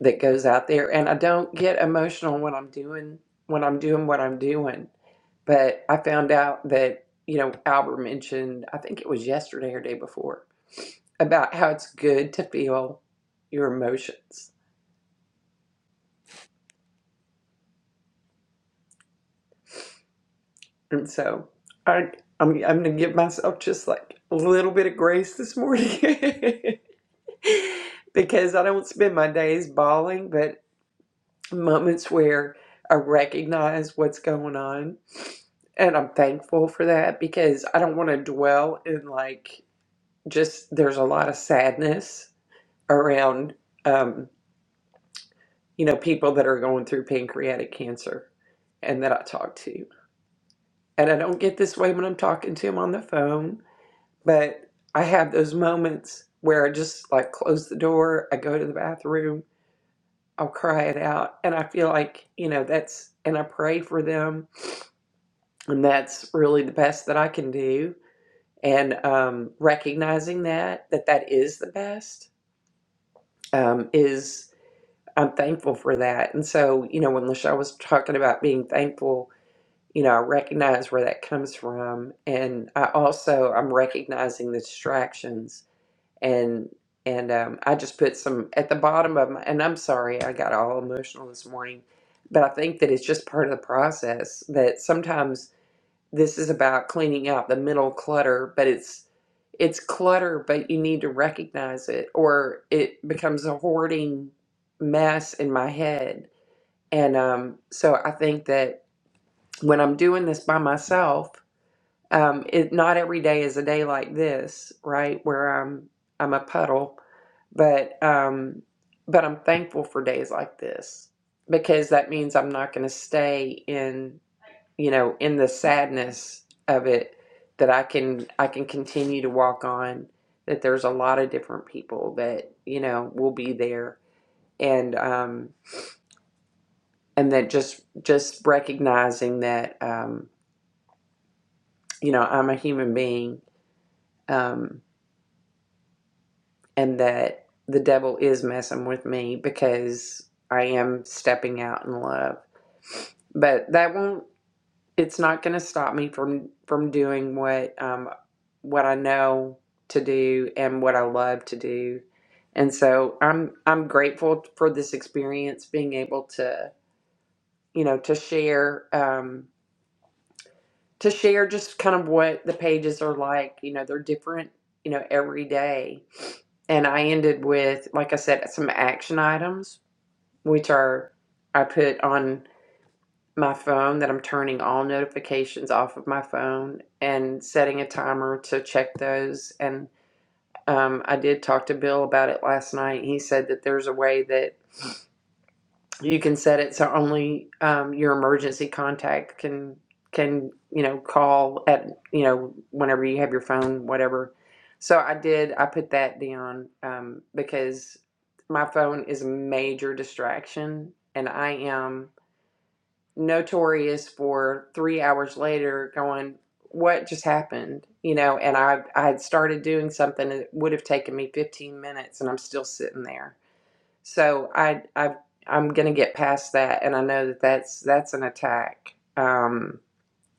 Speaker 2: that goes out there and I don't get emotional when I'm doing when I'm doing what I'm doing. But I found out that, you know, Albert mentioned, I think it was yesterday or day before, about how it's good to feel your emotions. And so I I'm I'm gonna give myself just like a little bit of grace this morning. because I don't spend my days bawling, but. moments where I recognize what's going on. And I'm thankful for that because I don't want to dwell in like just there's a lot of sadness around, um, you know, people that are going through pancreatic cancer and that I talk to. And I don't get this way when I'm talking to them on the phone, but I have those moments where I just like close the door, I go to the bathroom, I'll cry it out. And I feel like, you know, that's, and I pray for them and that's really the best that I can do. And um, recognizing that that that is the best um, is I'm thankful for that. And so you know, when Lachelle was talking about being thankful, you know, I recognize where that comes from, and I also I'm recognizing the distractions and. And um, I just put some at the bottom of my, and I'm sorry, I got all emotional this morning, but I think that it's just part of the process that sometimes this is about cleaning out the mental clutter but it's it's clutter but you need to recognize it or it becomes a hoarding mess in my head and um, so i think that when i'm doing this by myself um, it not every day is a day like this right where i'm i'm a puddle but um, but i'm thankful for days like this because that means i'm not going to stay in you know, in the sadness of it that I can I can continue to walk on that there's a lot of different people that, you know, will be there and um and that just just recognizing that um you know, I'm a human being um and that the devil is messing with me because I am stepping out in love. But that won't it's not going to stop me from from doing what um what I know to do and what I love to do. And so I'm I'm grateful for this experience being able to, you know, to share um to share just kind of what the pages are like, you know, they're different, you know, every day. And I ended with like I said some action items which are I put on my phone that I'm turning all notifications off of my phone and setting a timer to check those. And um, I did talk to Bill about it last night. He said that there's a way that you can set it so only um, your emergency contact can can you know call at you know whenever you have your phone whatever. So I did. I put that down um, because my phone is a major distraction, and I am notorious for three hours later going what just happened you know and i i had started doing something that would have taken me 15 minutes and i'm still sitting there so i i i'm gonna get past that and i know that that's that's an attack um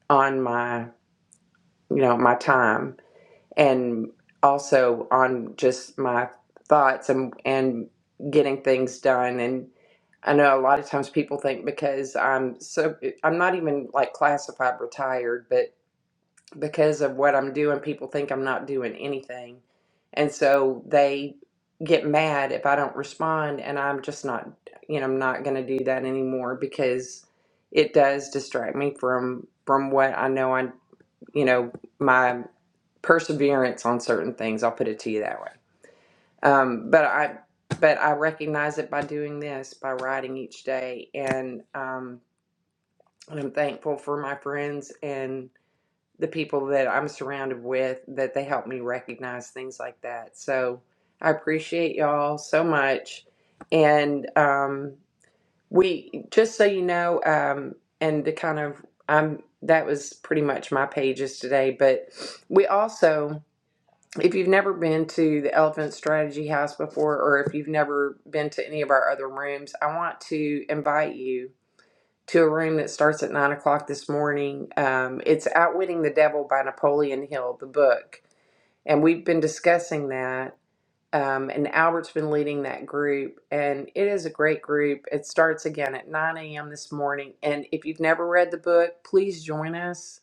Speaker 2: on my you know my time and also on just my thoughts and and getting things done and. I know a lot of times people think because I'm so, I'm not even like classified retired, but because of what I'm doing, people think I'm not doing anything. And so they get mad if I don't respond. And I'm just not, you know, I'm not going to do that anymore because it does distract me from, from what I know I, you know, my perseverance on certain things. I'll put it to you that way. Um, but I but I recognize it by doing this, by writing each day, and um, and I'm thankful for my friends and the people that I'm surrounded with that they help me recognize things like that. So I appreciate y'all so much, and um, we just so you know, um, and to kind of I'm that was pretty much my pages today, but we also if you've never been to the Elephant Strategy House before, or if you've never been to any of our other rooms, I want to invite you to a room that starts at nine o'clock this morning. Um, it's Outwitting the Devil by Napoleon Hill, the book. And we've been discussing that. Um, and Albert's been leading that group, and it is a great group. It starts again at 9 a.m. this morning. And if you've never read the book, please join us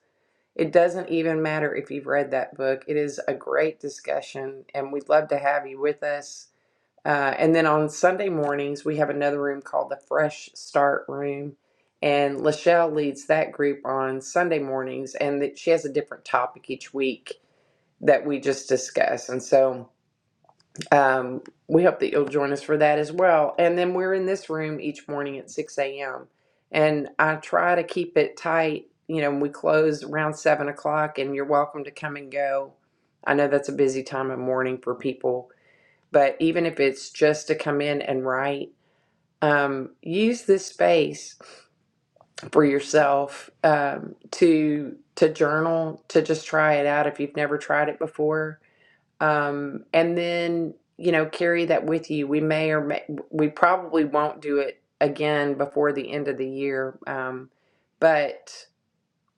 Speaker 2: it doesn't even matter if you've read that book. It is a great discussion, and we'd love to have you with us. Uh, and then on Sunday mornings, we have another room called the Fresh Start Room. And Lachelle leads that group on Sunday mornings, and that she has a different topic each week that we just discuss. And so um, we hope that you'll join us for that as well. And then we're in this room each morning at 6 a.m. And I try to keep it tight. You know, we close around 7 o'clock, and you're welcome to come and go. I know that's a busy time of morning for people, but even if it's just to come in and write, um, use this space for yourself um, to to journal, to just try it out if you've never tried it before um, and then you know carry that with you we may or may we probably won't do it again before the end of the year um, but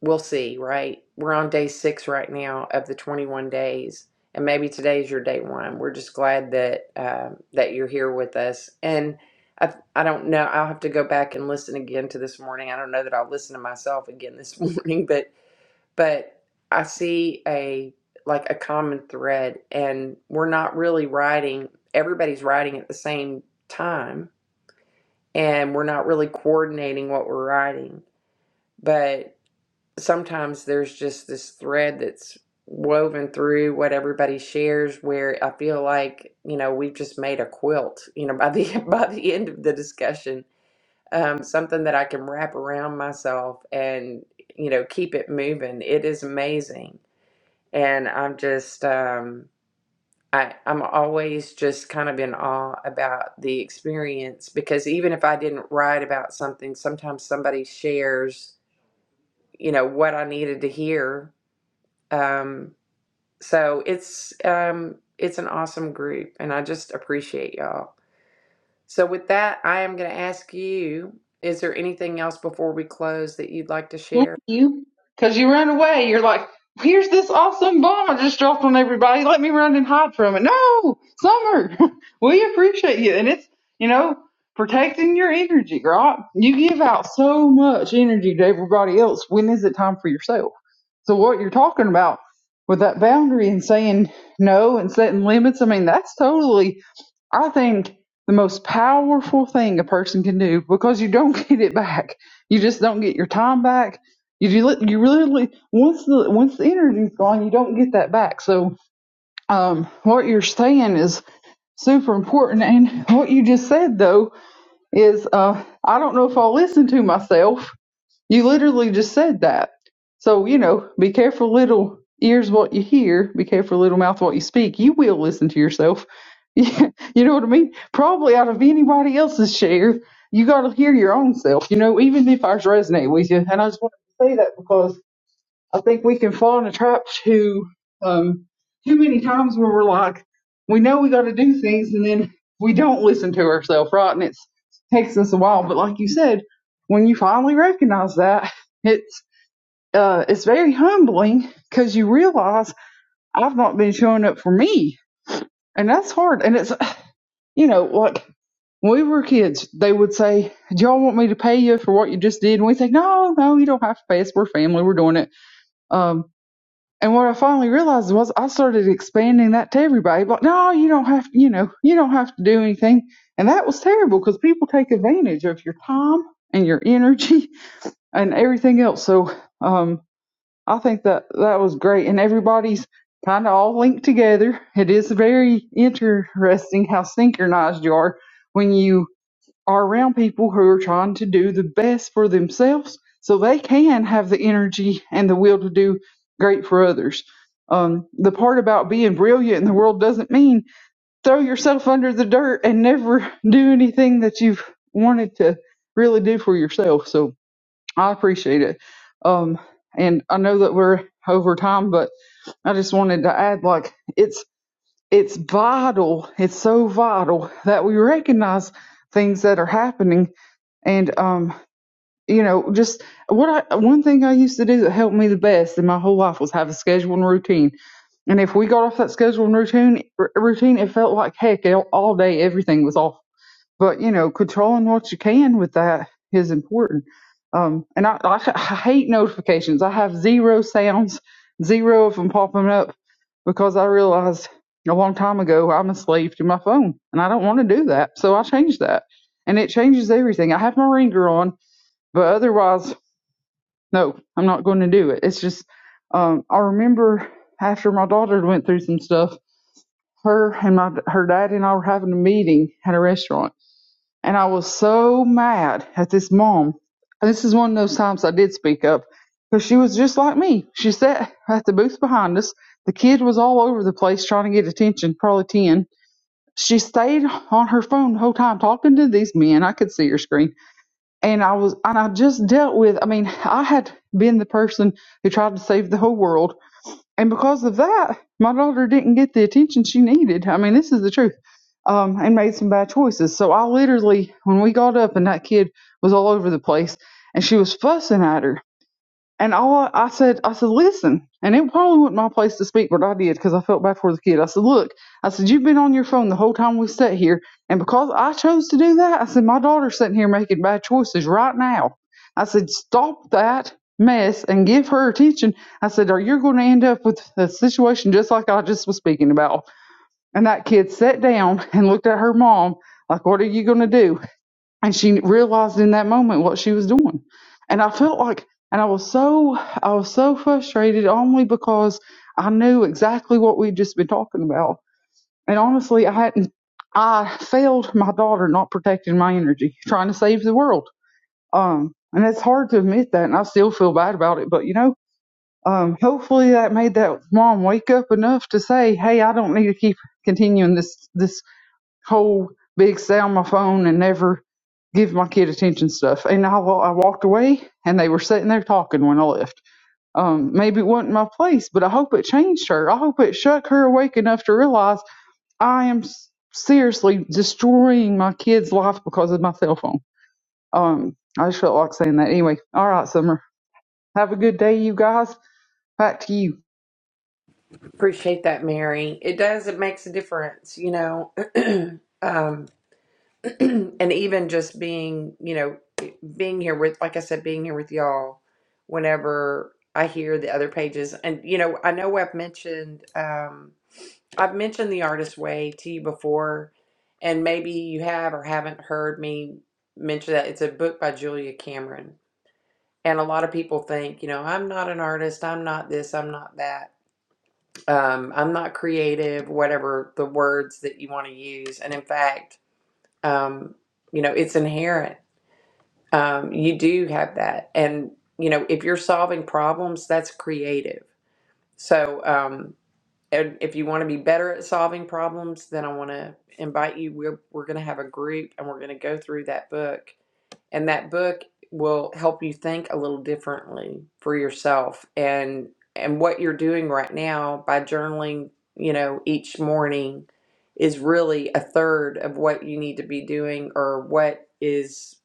Speaker 2: we'll see right we're on day six right now of the 21 days and maybe today's your day one we're just glad that um that you're here with us and I, I don't know i'll have to go back and listen again to this morning i don't know that i'll listen to myself again this morning but but I see a like a common thread and we're not really writing everybody's writing at the same time and we're not really coordinating what we're writing but sometimes there's just this thread that's woven through what everybody shares where I feel like you know we've just made a quilt you know by the by the end of the discussion um, something that I can wrap around myself and you know keep it moving it is amazing and I'm just um I I'm always just kind of in awe about the experience because even if I didn't write about something, sometimes somebody shares, you know, what I needed to hear. Um so it's um it's an awesome group and I just appreciate y'all. So with that, I am going to ask you is there anything else before we close that you'd like to
Speaker 3: Thank
Speaker 2: share?
Speaker 3: you. Because you ran away. You're like, here's this awesome bomb I just dropped on everybody. Let me run and hide from it. No, Summer, we appreciate you. And it's, you know, protecting your energy, right? You give out so much energy to everybody else. When is it time for yourself? So, what you're talking about with that boundary and saying no and setting limits, I mean, that's totally I think the most powerful thing a person can do because you don't get it back. You just don't get your time back you really, you really really, once the once the energy's gone, you don't get that back. So, um, what you're saying is super important, and what you just said though is, uh, I don't know if I'll listen to myself. You literally just said that. So you know, be careful, little ears, what you hear. Be careful, little mouth, what you speak. You will listen to yourself. you know what I mean? Probably out of anybody else's share, you got to hear your own self. You know, even if ours resonate with you. And I just wanted to say that because I think we can fall in a trap too um, too many times where we're like, we know we got to do things, and then we don't listen to ourselves, right? And it's, it takes us a while. But like you said, when you finally recognize that, it's uh, it's very humbling because you realize I've not been showing up for me, and that's hard. And it's you know like when we were kids, they would say, "Do y'all want me to pay you for what you just did?" And we say, "No, no, you don't have to pay us. We're family. We're doing it." Um, And what I finally realized was I started expanding that to everybody. But no, you don't have to, you know, you don't have to do anything. And that was terrible because people take advantage of your time and your energy and everything else. So um, I think that that was great. And everybody's kind of all linked together. It is very interesting how synchronized you are when you are around people who are trying to do the best for themselves so they can have the energy and the will to do great for others. Um, the part about being brilliant in the world doesn't mean throw yourself under the dirt and never do anything that you've wanted to really do for yourself. So I appreciate it. Um, and I know that we're over time, but I just wanted to add like it's it's vital, it's so vital that we recognize things that are happening and um, you know, just what I one thing I used to do that helped me the best in my whole life was have a schedule and routine. And if we got off that schedule and routine r- routine, it felt like heck all all day everything was off but you know, controlling what you can with that is important. Um, and I, I, I hate notifications. I have zero sounds, zero of them popping up because I realized a long time ago I'm a slave to my phone and I don't want to do that. So I changed that and it changes everything. I have my ringer on, but otherwise, no, I'm not going to do it. It's just, um, I remember after my daughter went through some stuff, her and my, her dad and I were having a meeting at a restaurant and I was so mad at this mom. And this is one of those times I did speak up because she was just like me. She sat at the booth behind us. The kid was all over the place trying to get attention, probably 10. She stayed on her phone the whole time talking to these men. I could see her screen. And I was, and I just dealt with, I mean, I had been the person who tried to save the whole world and because of that, my daughter didn't get the attention she needed. I mean, this is the truth. Um, and made some bad choices. So I literally, when we got up and that kid was all over the place and she was fussing at her, and all I said, I said, listen, and it probably wasn't my place to speak, but I did because I felt bad for the kid. I said, look, I said, you've been on your phone the whole time we sat here. And because I chose to do that, I said, my daughter's sitting here making bad choices right now. I said, stop that mess and give her attention. I said, or you're going to end up with a situation just like I just was speaking about. And that kid sat down and looked at her mom like, what are you going to do? and she realized in that moment what she was doing and i felt like and i was so i was so frustrated only because i knew exactly what we'd just been talking about and honestly i hadn't i failed my daughter not protecting my energy trying to save the world um and it's hard to admit that and i still feel bad about it but you know um hopefully that made that mom wake up enough to say hey i don't need to keep continuing this this whole big stay on my phone and never give my kid attention stuff. And I, I walked away and they were sitting there talking when I left. Um, maybe it wasn't my place, but I hope it changed her. I hope it shook her awake enough to realize I am seriously destroying my kid's life because of my cell phone. Um, I just felt like saying that anyway. All right, Summer. Have a good day, you guys. Back to you.
Speaker 2: Appreciate that, Mary. It does, it makes a difference, you know. um and even just being, you know, being here with, like I said, being here with y'all whenever I hear the other pages. And, you know, I know I've mentioned, um, I've mentioned the artist way to you before, and maybe you have or haven't heard me mention that. It's a book by Julia Cameron. And a lot of people think, you know, I'm not an artist, I'm not this, I'm not that, um, I'm not creative, whatever the words that you want to use. And in fact, um, you know, it's inherent um, you do have that and you know if you're solving problems that's creative so um, and if you want to be better at solving problems then i want to invite you we're, we're going to have a group and we're going to go through that book and that book will help you think a little differently for yourself and and what you're doing right now by journaling, you know, each morning is really a third of what you need to be doing or what is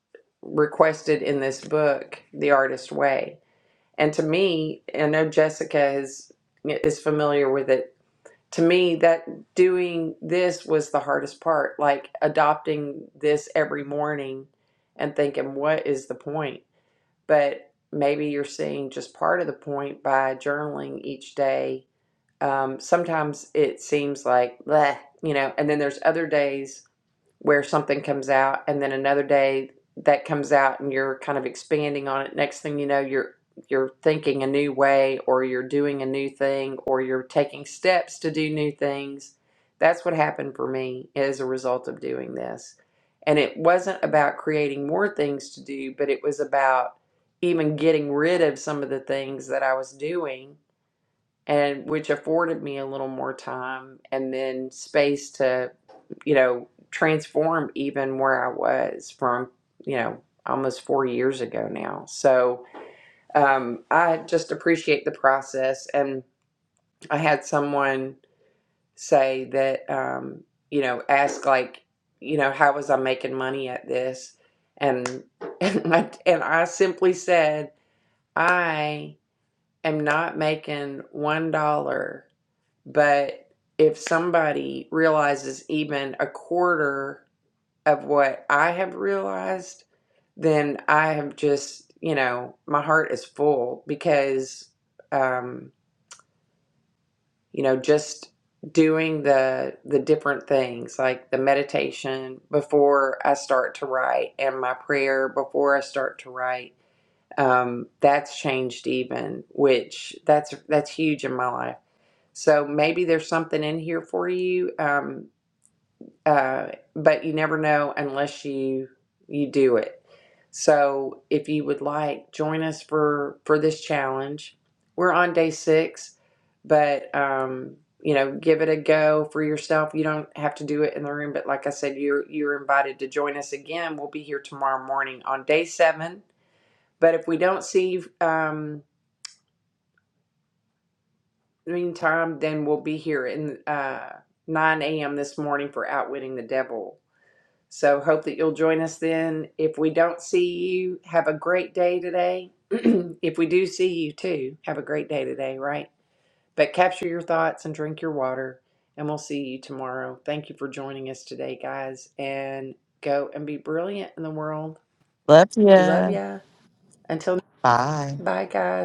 Speaker 2: requested in this book, The Artist Way. And to me, I know Jessica is is familiar with it to me that doing this was the hardest part like adopting this every morning and thinking what is the point but maybe you're seeing just part of the point by journaling each day um, sometimes it seems like bleh, you know and then there's other days where something comes out and then another day that comes out and you're kind of expanding on it next thing you know you're you're thinking a new way or you're doing a new thing or you're taking steps to do new things that's what happened for me as a result of doing this and it wasn't about creating more things to do but it was about even getting rid of some of the things that I was doing and which afforded me a little more time and then space to, you know, transform even where I was from, you know, almost four years ago now. So um, I just appreciate the process. And I had someone say that, um, you know, ask like, you know, how was I making money at this? And and I, and I simply said, I am not making one dollar but if somebody realizes even a quarter of what I have realized, then I have just, you know, my heart is full because, um, you know, just doing the the different things like the meditation before I start to write and my prayer before I start to write, um, that's changed even, which that's that's huge in my life so maybe there's something in here for you, um, uh, but you never know unless you you do it. So if you would like, join us for for this challenge. We're on day six, but um, you know, give it a go for yourself. You don't have to do it in the room, but like I said, you're you're invited to join us again. We'll be here tomorrow morning on day seven. But if we don't see you, um, meantime, then we'll be here in uh, 9 a.m. this morning for Outwitting the Devil. So hope that you'll join us then. If we don't see you, have a great day today. if we do see you too, have a great day today, right? But capture your thoughts and drink your water, and we'll see you tomorrow. Thank you for joining us today, guys, and go and be brilliant in the world.
Speaker 5: Love
Speaker 2: We love
Speaker 5: ya.
Speaker 2: ya. Until
Speaker 5: Bye.
Speaker 2: bye, guys.